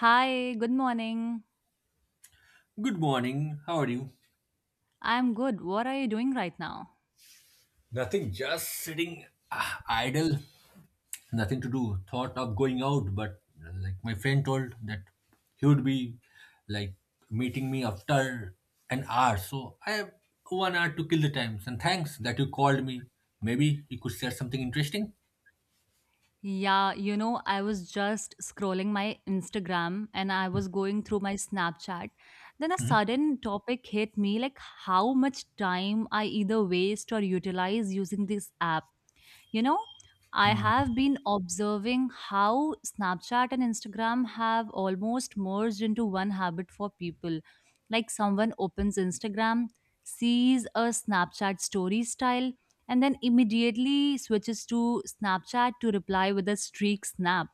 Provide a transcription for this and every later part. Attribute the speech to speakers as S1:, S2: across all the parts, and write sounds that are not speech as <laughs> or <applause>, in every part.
S1: Hi, good morning.
S2: Good morning. How are you?
S1: I'm good. What are you doing right now?
S2: Nothing, just sitting idle, nothing to do. Thought of going out, but like my friend told that he would be like meeting me after an hour. So I have 1 hour to kill the times. And thanks that you called me. Maybe you could share something interesting.
S1: Yeah, you know, I was just scrolling my Instagram and I was going through my Snapchat. Then a sudden topic hit me, like how much time I either waste or utilize using this app. You know, I
S2: Hmm.
S1: have been observing how Snapchat and Instagram have almost merged into one habit for people. Like, someone opens Instagram, sees a Snapchat story style, and then immediately switches to Snapchat to reply with a streak snap.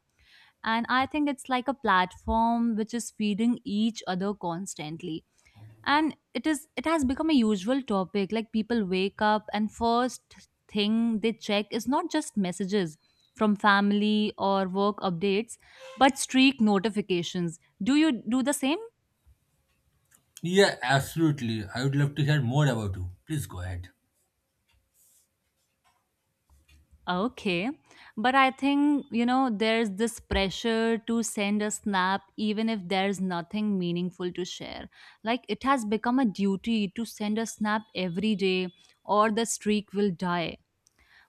S1: And I think it's like a platform which is feeding each other constantly, and it has become a usual topic. Like, people wake up and first thing they check is not just messages from family or work updates, but streak notifications. Do you do the same?
S2: Yeah, absolutely. I would love to hear more about you. Please go ahead.
S1: Okay, but I think, you know, there's this pressure to send a snap even if there's nothing meaningful to share. Like, it has become a duty to send a snap every day or the streak will die.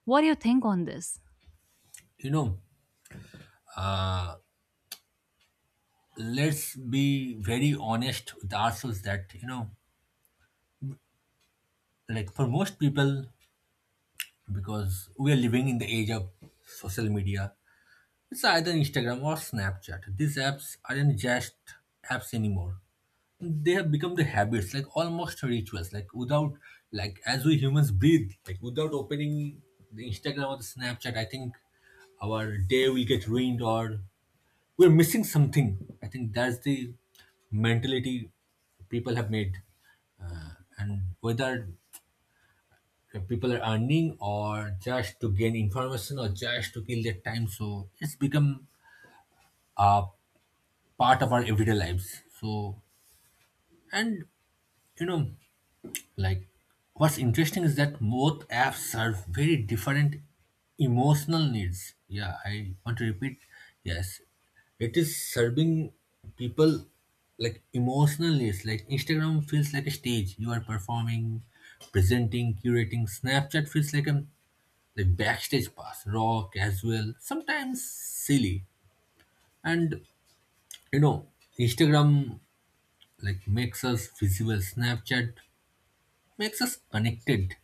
S1: What do you think on this?
S2: You know, let's be very honest with ourselves that, you know, like for most people, because we are living in the age of social media. It's either Instagram or Snapchat. These apps aren't just apps anymore. They have become the habits, like almost rituals. Like without, like as we humans breathe, like without opening the Instagram or the Snapchat, I think our day will get ruined or we're missing something. I think that's the mentality people have made, uh, and whether and people are earning or just to gain information or just to kill their time, so it's become a part of our everyday lives. So and you know like what's interesting is that both apps serve very different emotional needs. Yeah, I want to repeat. Yes, it is serving people like emotional needs. Like Instagram feels like a stage, you are performing, presenting, curating. Snapchat feels like a like backstage pass, raw, casual, sometimes silly. And you know, Instagram like makes us visible, Snapchat makes us connected.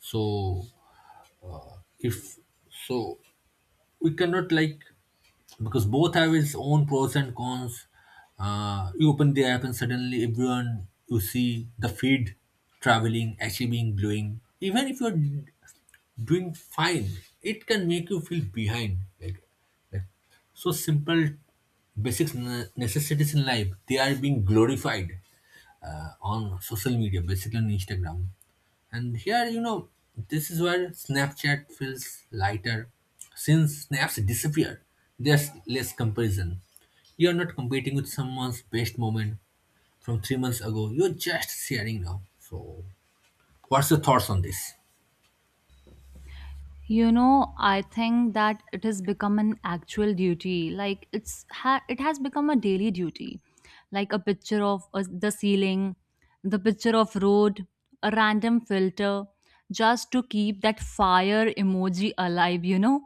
S2: So if so we cannot like because both have its own pros and cons. You open the app and suddenly everyone, you see the feed traveling, achieving, glowing. Even if you're doing fine, it can make you feel behind, like so simple basic necessities in life, they are being glorified on social media, basically on Instagram. And here you know this is where Snapchat feels lighter. Since snaps disappear, there's less comparison. You're not competing with someone's best moment from 3 months ago, you're just sharing now. So what's your thoughts on this?
S1: You know, I think that it has become an actual duty. Like, it has become a daily duty. Like a picture of the ceiling, the picture of road, a random filter, just to keep that fire emoji alive, you know?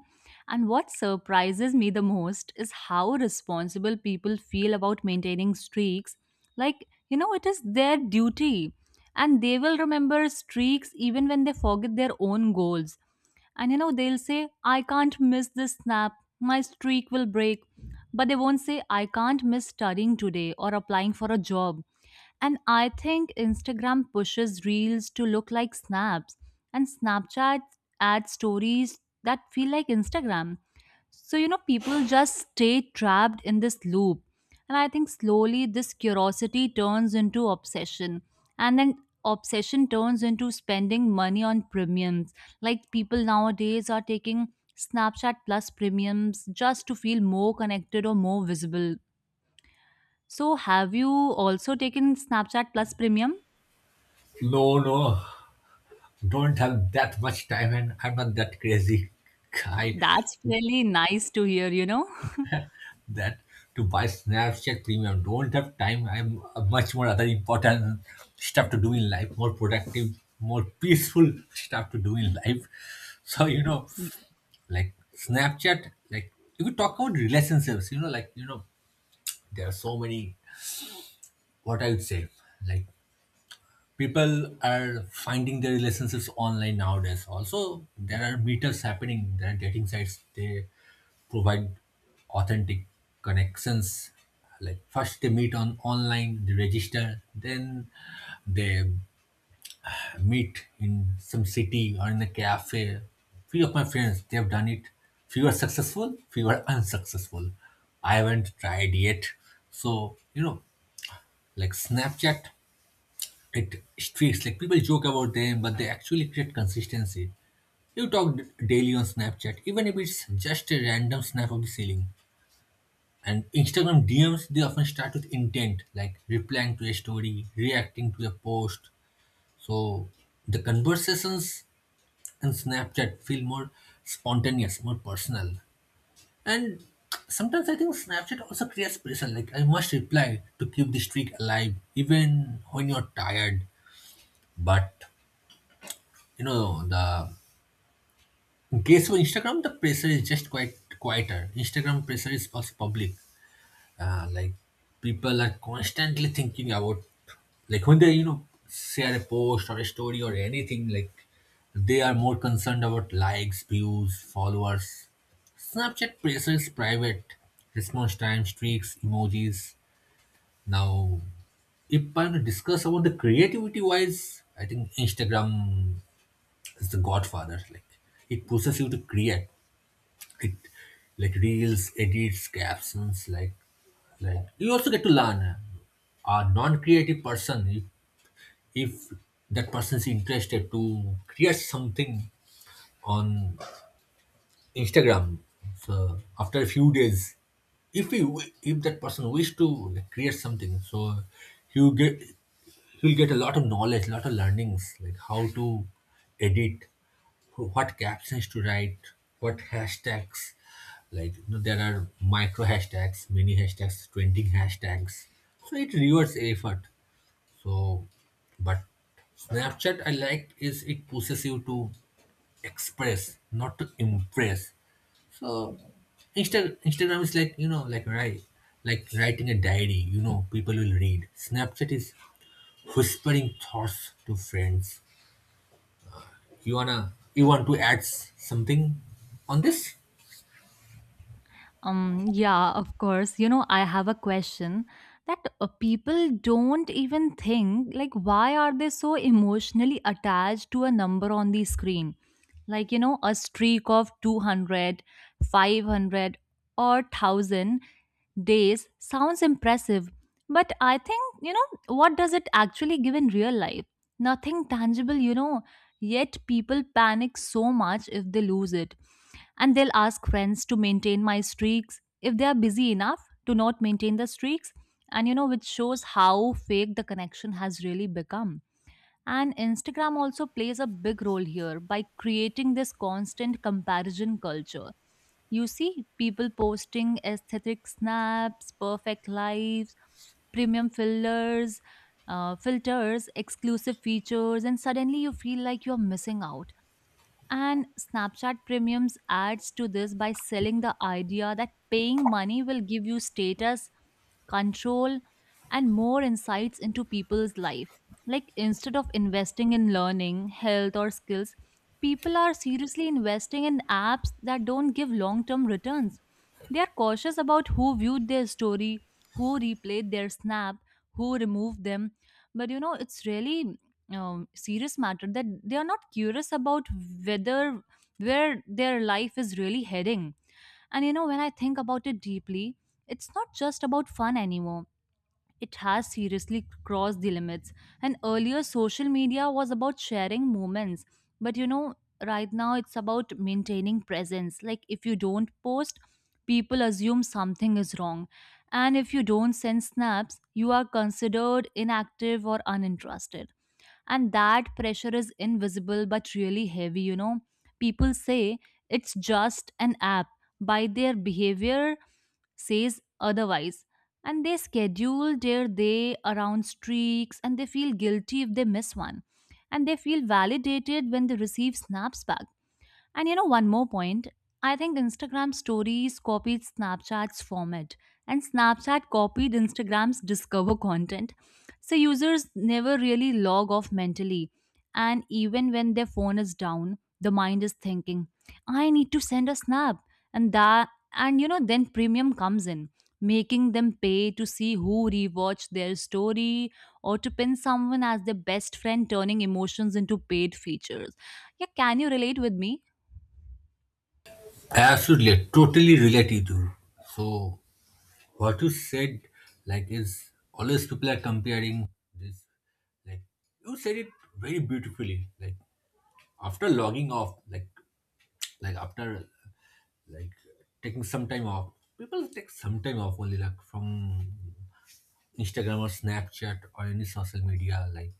S1: And what surprises me the most is how responsible people feel about maintaining streaks. Like, you know, it is their duty, and they will remember streaks even when they forget their own goals. And you know, they'll say, "I can't miss this snap, my streak will break." But they won't say, "I can't miss studying today or applying for a job." And I think Instagram pushes reels to look like snaps, and Snapchat adds stories that feel like Instagram. So, you know, people just stay trapped in this loop. And I think slowly this curiosity turns into obsession. And then obsession turns into spending money on premiums. Like, people nowadays are taking Snapchat Plus premiums just to feel more connected or more visible. So, have you also taken Snapchat Plus premium?
S2: No, no, don't have that much time and I'm not that crazy <laughs> guy
S1: That's really nice to hear, you know?
S2: that to buy Snapchat premium. Don't have time. I'm much more other important stuff to do in life, more productive, more peaceful stuff to do in life. <laughs> So, you know, like Snapchat, like if you talk about relationships, you know, like, you know, there are so many, what I would say, like people are finding their relationships online nowadays. Also there are meetups happening, there are dating sites, they provide authentic connections. Like first they meet on online, they register, then they meet in some city or in a cafe. Few of my friends they have done it, few are successful, few are unsuccessful. I haven't tried yet. So you know like Snapchat, it streaks, like people joke about them but they actually create consistency. You talk daily on Snapchat, even if it's just a random snap of the ceiling. And Instagram DMs, they often start with intent, like replying to a story, reacting to a post. So the conversations in Snapchat feel more spontaneous, more personal. And sometimes I think Snapchat also creates pressure, like I must reply to keep the streak alive even when you're tired. But you know the guess what? Instagram, the pressure is just quite quieter. Instagram pressure is also public. Like people are constantly thinking about, like when they you know share a post or a story or anything, like they are more concerned about likes, views, followers. Snapchat pressure is private. Response time, streaks, emojis. Now, if I'm to discuss about the creativity wise, I think Instagram is the godfather. Like it pushes you to create it, like reels, edits, captions, like you also get to learn. A non-creative person if that person is interested to create something on Instagram. So after a few days, if we wi- if that person wish to like, create something, so you get, he will get a lot of knowledge, a lot of learnings, like how to edit, what captions to write, what hashtags. Like you know, there are micro hashtags, mini hashtags, trending hashtags. So it rewards effort. So, but Snapchat I like is it pushes you to express, not to impress. So Instagram is like you know like right like writing a diary. You know people will read. Snapchat is whispering thoughts to friends. You want to add something on this?
S1: Yeah, of course. You know, I have a question, that people don't even think, like, why are they so emotionally attached to a number on the screen? Like, you know, a streak of 200, 500, or 1000 days sounds impressive, but I think, you know, what does it actually give in real life? Nothing tangible, you know. Yet people panic so much if they lose it, and they'll ask friends to maintain my streaks if they are busy enough to not maintain the streaks. And you know, which shows how fake the connection has really become. And Instagram also plays a big role here by creating this constant comparison culture. You see people posting aesthetic snaps, perfect lives, premium fillers, filters, exclusive features, and suddenly you feel like you're missing out. And Snapchat Premiums adds to this by selling the idea that paying money will give you status, control, and more insights into people's life. Like, instead of investing in learning, health, or skills, people are seriously investing in apps that don't give long term returns. They are cautious about who viewed their story, who replayed their snap, who removed them. But you know, it's really serious matter that they are not curious about whether where their life is really heading. And you know, when I think about it deeply, it's not just about fun anymore. It has seriously crossed the limits. And earlier social media was about sharing moments, but you know, right now it's about maintaining presence. Like, if you don't post, people assume something is wrong. And if you don't send snaps, you are considered inactive or uninterested. And that pressure is invisible but really heavy, you know. People say it's just an app, by their behavior says otherwise. And they schedule their day around streaks, and they feel guilty if they miss one, and they feel validated when they receive snaps back. And you know, one more point. I think Instagram stories copied Snapchat's format, and Snapchat copied Instagram's discover content. So, users never really log off mentally. And even when their phone is down, the mind is thinking, "I need to send a snap." And that, and you know, then premium comes in, making them pay to see who rewatched their story or to pin someone as their best friend, turning emotions into paid features. Yeah, can you relate with me?
S2: Absolutely, I totally relate you to. You. So what you said like is always people are comparing this, like you said it very beautifully, like after logging off, like after like taking some time off. People take some time off only, like from Instagram or Snapchat or any social media. Like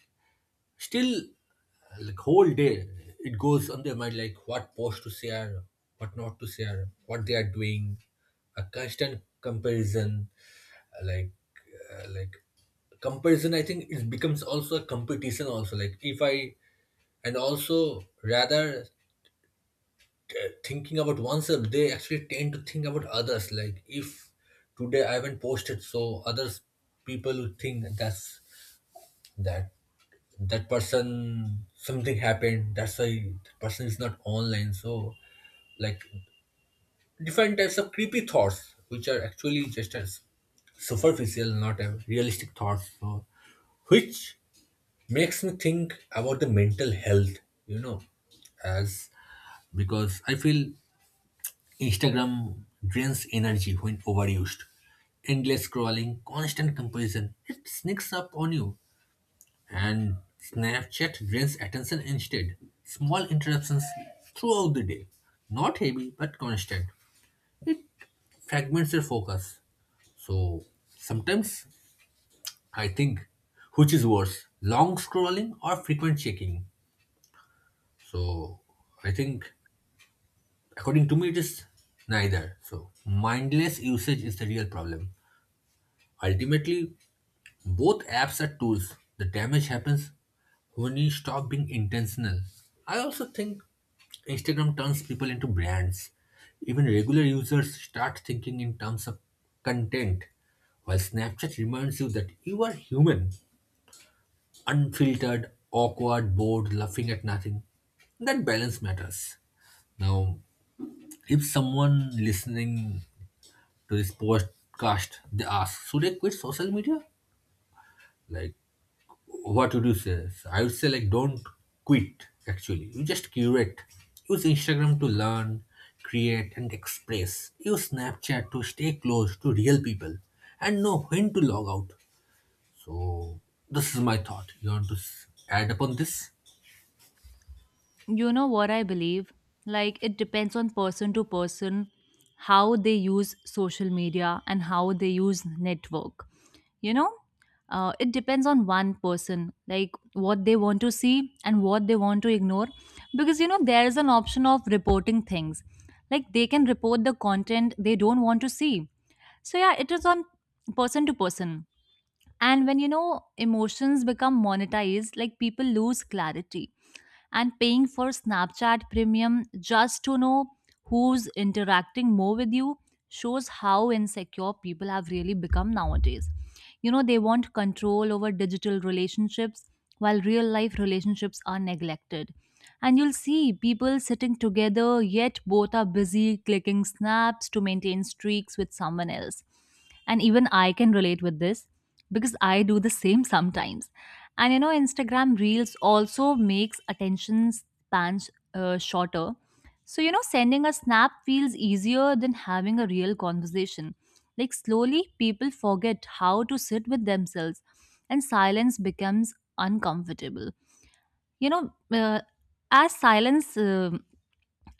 S2: still, like whole day it goes on their mind, like what post to share, what not to share, what they are doing, a constant comparison, uh, like uh, like comparison. I think it becomes also a competition. Also, like if I and also rather thinking about oneself, they actually tend to think about others. Like if today I haven't posted, so others people will think that's that that person something happened, that's why that person is not online. So like different types of creepy thoughts, which are actually just as superficial, not a realistic thoughts. So which makes me think about the mental health, you know, as because I feel Instagram drains energy when overused. Endless scrolling, constant comparison, it sneaks up on you. And Snapchat drains attention instead. Small interruptions throughout the day. Not heavy, but constant. Fragments your focus. So sometimes I think, which is worse, long scrolling or frequent checking. So I think according to me it is neither. So mindless usage is the real problem. Ultimately, both apps are tools. The damage happens when you stop being intentional. I also think Instagram turns people into brands. Even regular users start thinking in terms of content, while Snapchat reminds you that you are human, unfiltered, awkward, bored, laughing at nothing. That balance matters. Now, if someone listening to this podcast they ask, should I quit social media? Like what would you say? I would say like don't quit actually. You just curate. Use Instagram to learn, create and express. Use Snapchat to stay close to real people and know when to log out. So this is my thought. You want to add upon this?
S1: You know what I believe? Like, it depends on person to person how they use social media and how they use network. You know, it depends on one person, like what they want to see and what they want to ignore. Because, you know, there is an option of reporting things. Like, they can report the content they don't want to see. So, yeah, it is on person to person. And when, you know, emotions become monetized, like, people lose clarity. And paying for Snapchat Premium just to know who's interacting more with you shows how insecure people have really become nowadays. You know, they want control over digital relationships while real life relationships are neglected. And you'll see people sitting together, yet both are busy clicking snaps to maintain streaks with someone else. And even I can relate with this because I do the same sometimes. And you know, Instagram reels also makes attention spans shorter. So, you know, sending a snap feels easier than having a real conversation. Like, slowly people forget how to sit with themselves, and silence becomes uncomfortable. You know, as silence uh,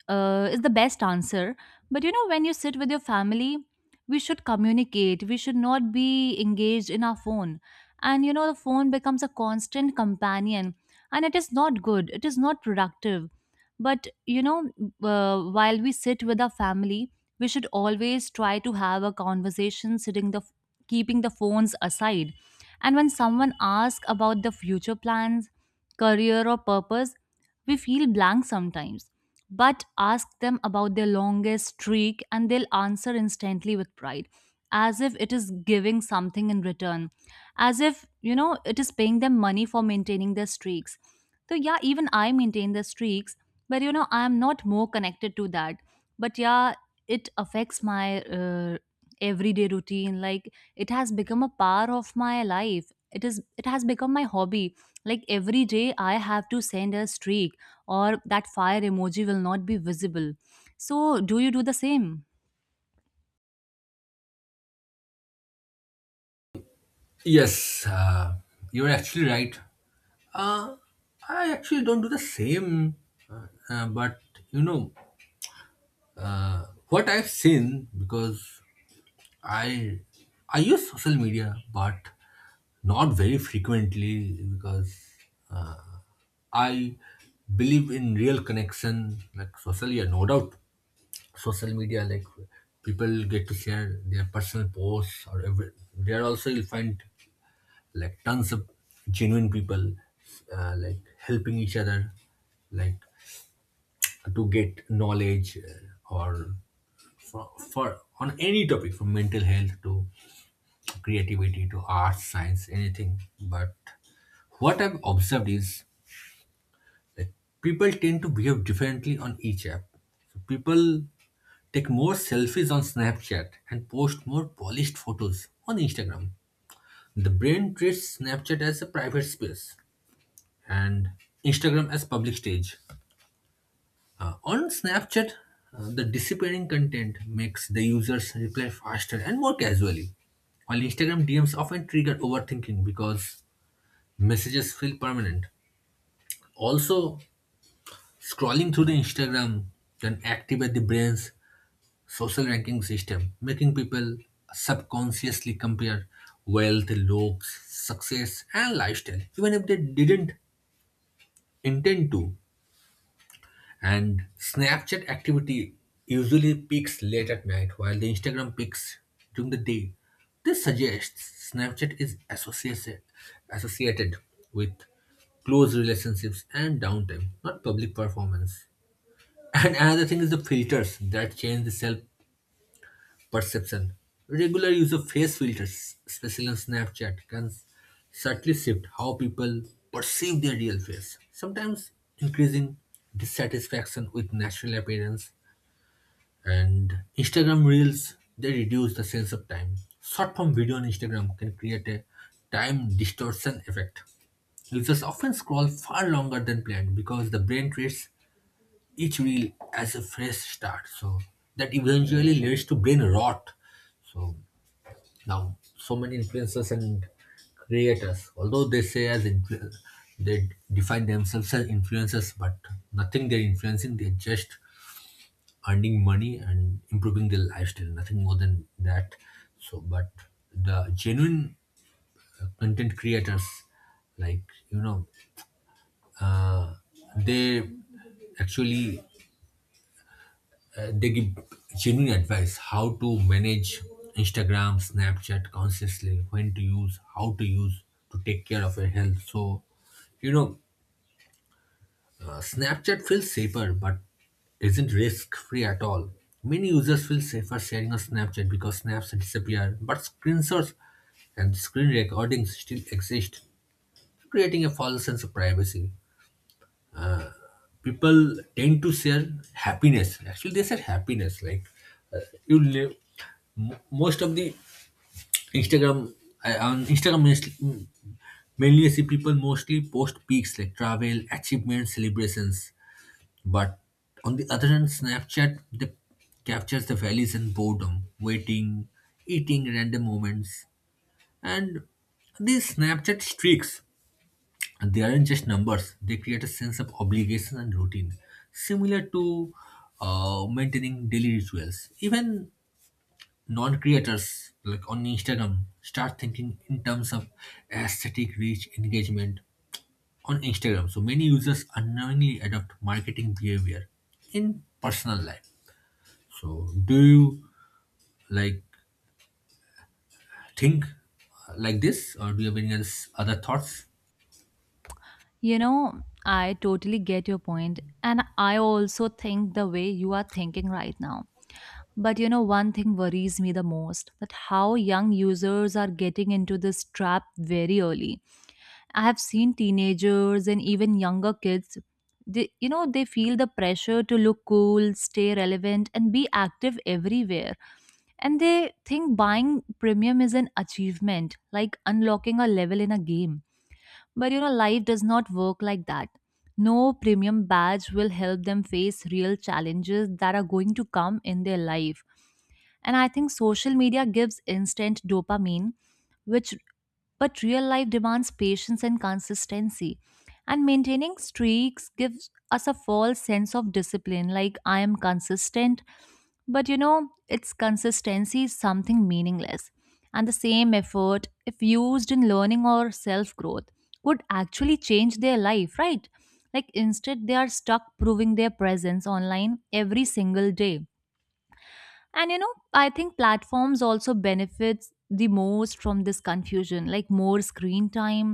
S1: uh, is the best answer. But you know, when you sit with your family, we should communicate. We should not be engaged in our phone. And you know, the phone becomes a constant companion, and it is not good. It is not productive. But you know, while we sit with our family, we should always try to have a conversation, sitting the keeping the phones aside. And when someone asks about the future plans, career, or purpose, we feel blank sometimes. But ask them about their longest streak, and they'll answer instantly with pride, as if it is giving something in return, as if, you know, it is paying them money for maintaining their streaks. So yeah, even I maintain the streaks, but you know, I am not more connected to that. But yeah, it affects my everyday routine. Like, it has become a part of my life. It has become my hobby. Like, every day I have to send a streak, or that fire emoji will not be visible. So, do you do the same?
S2: Yes, you're actually right. Uh, I actually don't do the same, but you know what I've seen because I I use social media, but not very frequently because I believe in real connection, like social. Yeah, no doubt, social media like people get to share their personal posts or every. There also you'll find like tons of genuine people, like helping each other, like to get knowledge or for on any topic from mental health to creativity to arts, science, anything. But what I've observed is like people tend to behave differently on each app. So people take more selfies on Snapchat and post more polished photos on Instagram. The brain treats Snapchat as a private space and Instagram as public stage. On Snapchat, the disappearing content makes the users reply faster and more casually. While Instagram DMs often trigger overthinking because messages feel permanent. Also, scrolling through the Instagram can activate the brain's social ranking system, making people subconsciously compare wealth, looks, success, and lifestyle, even if they didn't intend to. And Snapchat activity usually peaks late at night, while the Instagram peaks during the day. This suggests Snapchat is associated with close relationships and downtime, not public performance. And another thing is the filters that change the self perception. Regular use of face filters, especially on Snapchat, can subtly shift how people perceive their real face, sometimes increasing dissatisfaction with natural appearance. And Instagram Reels, they reduce the sense of time. Short form video on Instagram can create a time distortion effect. Users often scroll far longer than planned because the brain treats each reel as a fresh start. So that eventually leads to brain rot. So now so many influencers and creators, although they say as they define themselves as influencers, but nothing they're influencing, they're just earning money and improving their lifestyle, nothing more than that. So but the genuine content creators, like you know, uh, they actually they give genuine advice how to manage Instagram, Snapchat consciously, when to use, how to use to take care of your health. So, you know, Snapchat feels safer but isn't risk free at all. Many users feel safer sharing on Snapchat because snaps disappear, but screenshots and screen recordings still exist, creating a false sense of privacy. People tend to share happiness. Actually, they share happiness like you live most of the Instagram. On Instagram mainly, mainly I see people mostly post peaks like travel, achievements, celebrations, but on the other hand, Snapchat, they captures the valleys and boredom, waiting, eating, random moments. And these Snapchat streaks, and they aren't just numbers, they create a sense of obligation and routine, similar to maintaining daily rituals. Even non creators, like on Instagram, start thinking in terms of aesthetic, reach, engagement on Instagram. So many users unknowingly adopt marketing behavior in personal life. So, do you like think like this, or do you have any other thoughts?
S1: You know, I totally get your point, and I also think the way you are thinking right now. But you know, one thing worries me the most, that how young users are getting into this trap very early. I have seen teenagers and even younger kids. They, you know, they feel the pressure to look cool, stay relevant, and be active everywhere. And they think buying premium is an achievement, like unlocking a level in a game. But you know, life does not work like that. No premium badge will help them face real challenges that are going to come in their life. And I think social media gives instant dopamine, which, but real life demands patience and consistency. And maintaining streaks gives us a false sense of discipline, like, "I am consistent," but you know, its consistency is something meaningless. And the same effort, if used in learning or self growth, would actually change their life, right? Like, instead, they are stuck proving their presence online every single day. And you know, I think platforms also benefits the most from this confusion. Like, more screen time,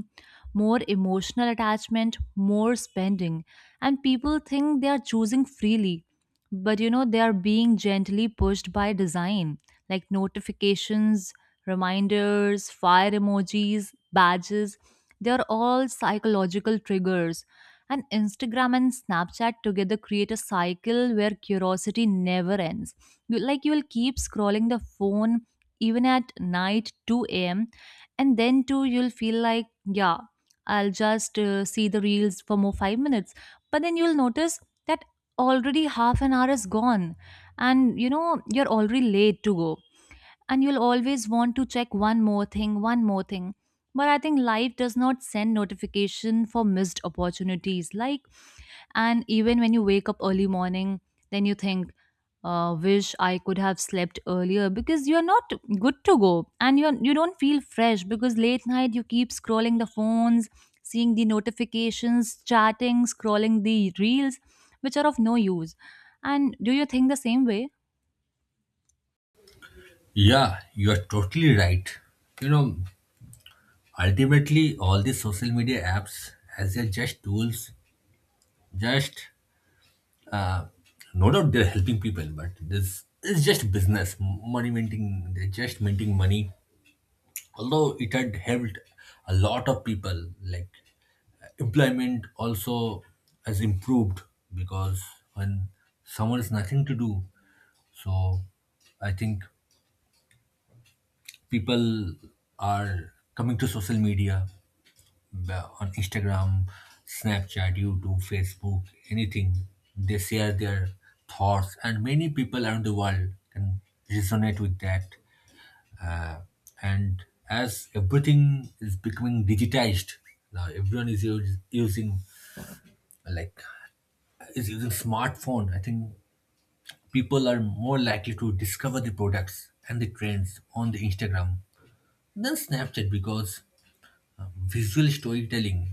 S1: more emotional attachment, more spending. And people think they are choosing freely, but you know, they are being gently pushed by design. Like, notifications, reminders, fire emojis, badges, they are all psychological triggers. And Instagram and Snapchat together create a cycle where curiosity never ends. Like, you will keep scrolling the phone even at night 2 a.m. And then too you'll feel like, yeah, I'll just see the reels for more 5 minutes. But then you'll notice that already half an hour is gone, and you know, you're already late to go. And you'll always want to check one more thing, one more thing. But I think life does not send notification for missed opportunities. Like, and even when you wake up early morning, then you think, wish I could have slept earlier, because you're not good to go and you don't feel fresh, because late night you keep scrolling the phones, seeing the notifications, chatting, scrolling the reels, which are of no use. And do you think the same way?
S2: Yeah, you are totally right. You know, ultimately, all these social media apps, as they're just tools, just uh, no doubt they're helping people, but this is just business, money minting. They're just minting money. Although it had helped a lot of people, like employment also has improved, because when someone has nothing to do, so I think people are coming to social media, on Instagram, Snapchat, YouTube, Facebook, anything. They share their thoughts, and many people around the world can resonate with that. Uh, and as everything is becoming digitized, now everyone is using, like, is using smartphone. I think people are more likely to discover the products and the trends on the Instagram than Snapchat, because visual storytelling,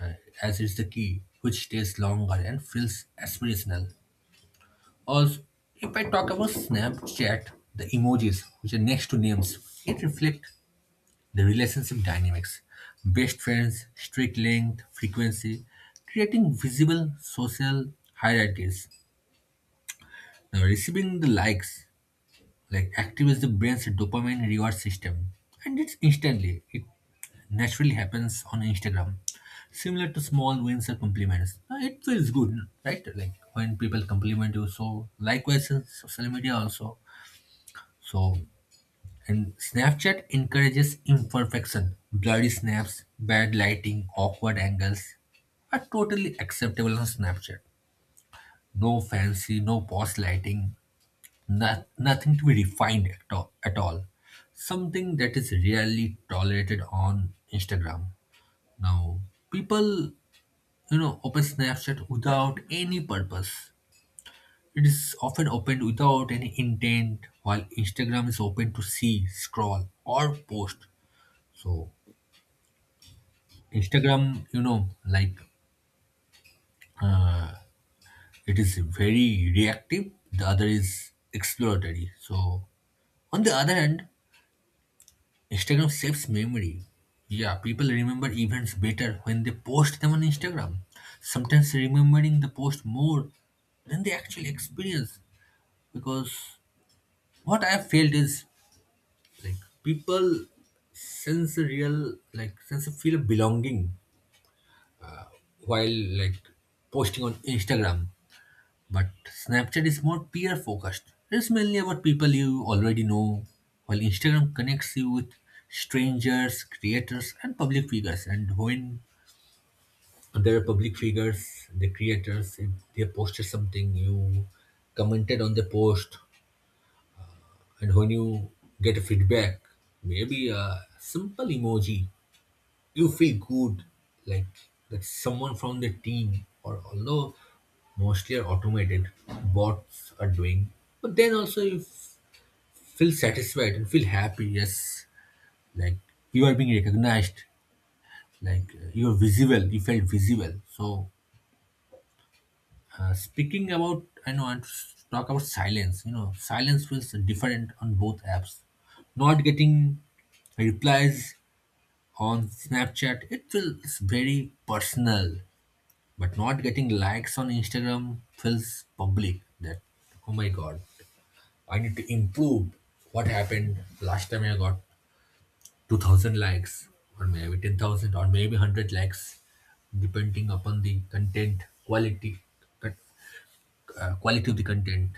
S2: uh, as it's the key, which stays longer and feels aspirational. Also, if I talk about Snapchat, the emojis, which are next to names, it reflects the relationship dynamics, best friends, streak length, frequency, creating visible social hierarchies. Now, receiving the likes, like, activates the brain's dopamine reward system, and it's instantly, it naturally happens on Instagram, similar to small wins or compliments. It feels good, right? Like when people compliment you, so likewise in social media also. So and Snapchat encourages imperfection. Blurry snaps, bad lighting, awkward angles are totally acceptable on Snapchat. No fancy, no post lighting, nothing to be refined at all, at all. Something that is rarely tolerated on Instagram. Now, people, you know, open Snapchat without any purpose. It is often opened without any intent, while Instagram is open to see, scroll, or post. So, Instagram, you know, like uh, it is very reactive. The other is exploratory. So, on the other hand, Instagram saves memory. Yeah, people remember events better when they post them on Instagram, sometimes remembering the post more than the actual experience. Because what I have felt is, like, people sense a real, like, sense a feel of belonging while, like, posting on Instagram. But Snapchat is more peer focused. It's mainly about people you already know, while Instagram connects you with strangers, creators, and public figures. And when there are public figures, the creators, if they posted something, you commented on the post, and when you get a feedback, maybe a simple emoji, you feel good, like, that someone from the team, or although mostly are automated bots are doing, but then also you feel satisfied and feel happy. Yes, like, you are being recognized, like, you are visible, you felt visible. So speaking about, I know I want to talk about silence. You know, silence feels different on both apps. Not getting replies on Snapchat, it feels very personal. But not getting likes on Instagram feels public, that, oh my god, I need to improve. What happened last time? I got 2000 likes, or maybe 10,000, or maybe 100 likes, depending upon the content quality, con- quality of the content.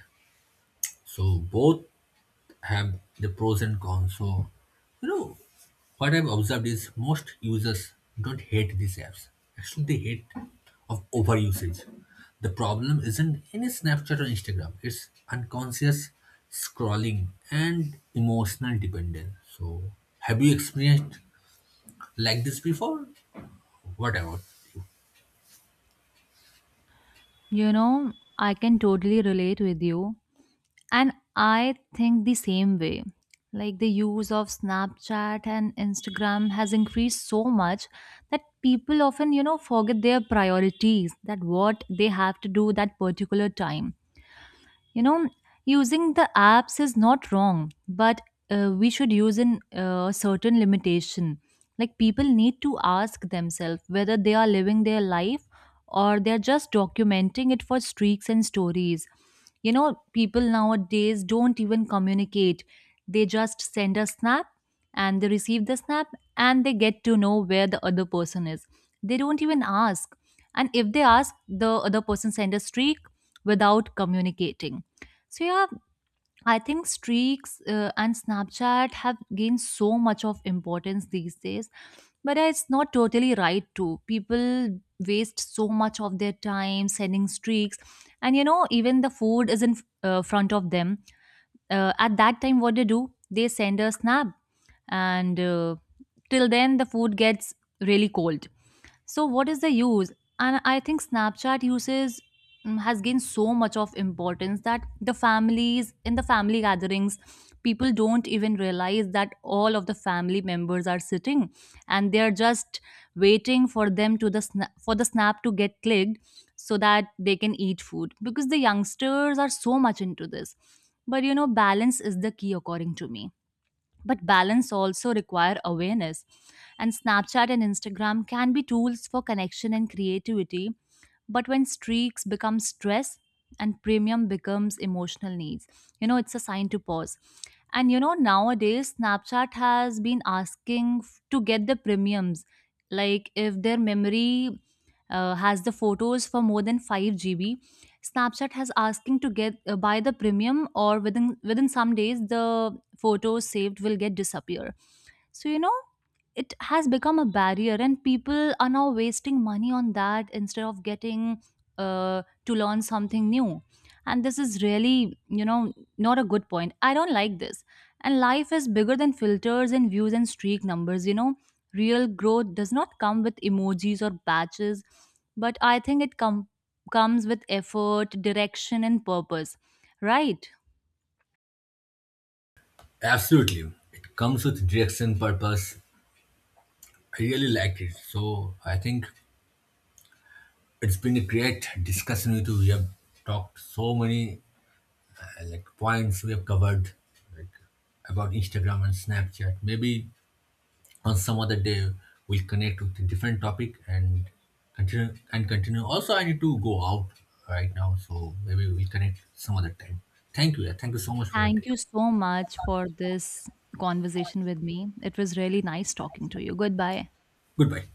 S2: So both have the pros and cons. So, you know, what I've observed is most users don't hate these apps. Actually, they hate of overusage. The problem isn't any Snapchat or Instagram. It's unconscious scrolling and emotional dependence. So, have you experienced like this before? What about?
S1: You know, I can totally relate with you. And I think the same way. Like, the use of Snapchat and Instagram has increased so much that people often, you know, forget their priorities, that what they have to do that particular time. You know, using the apps is not wrong, but we should use in certain limitation. Like, people need to ask themselves whether they are living their life or they're just documenting it for streaks and stories. You know, people nowadays don't even communicate. They just send a snap, and they receive the snap and they get to know where the other person is. They don't even ask. And if they ask, the other person send a streak without communicating. So yeah, I think streaks and Snapchat have gained so much of importance these days, but it's not totally right too. People waste so much of their time sending streaks, and you know, even the food is in front of them. At that time, what they do, they send a snap, and till then the food gets really cold. So what is the use? And I think Snapchat uses has gained so much of importance that the families, in the family gatherings, people don't even realize that all of the family members are sitting, and they're just waiting for them, to for the snap to get clicked, so that they can eat food, because the youngsters are so much into this. But you know, balance is the key, according to me. But balance also require awareness. And Snapchat and Instagram can be tools for connection and creativity, but when streaks become stress and premium becomes emotional needs, you know, it's a sign to pause. And you know, nowadays Snapchat has been asking to get the premiums. Like, if their memory has the photos for more than 5 GB, Snapchat has asking to get buy the premium, or within some days the photos saved will get disappear. So you know, it has become a barrier and people are now wasting money on that instead of getting to learn something new. And this is really, you know, not a good point. I don't like this. And life is bigger than filters and views and streak numbers. You know, real growth does not come with emojis or badges, but I think it comes with effort, direction, and purpose, right?
S2: Absolutely. It comes with direction, purpose. I really liked it. So, I think it's been a great discussion with you. We have talked so many like points we have covered, like about Instagram and Snapchat. Maybe on some other day we'll connect with a different topic and continue and continue. Also, I need to go out right now, so maybe we'll connect some other time. Thank you. Yeah, thank you so much for it.
S1: Thank you so much for this conversation with me. It was really nice talking to you. Goodbye.
S2: Goodbye.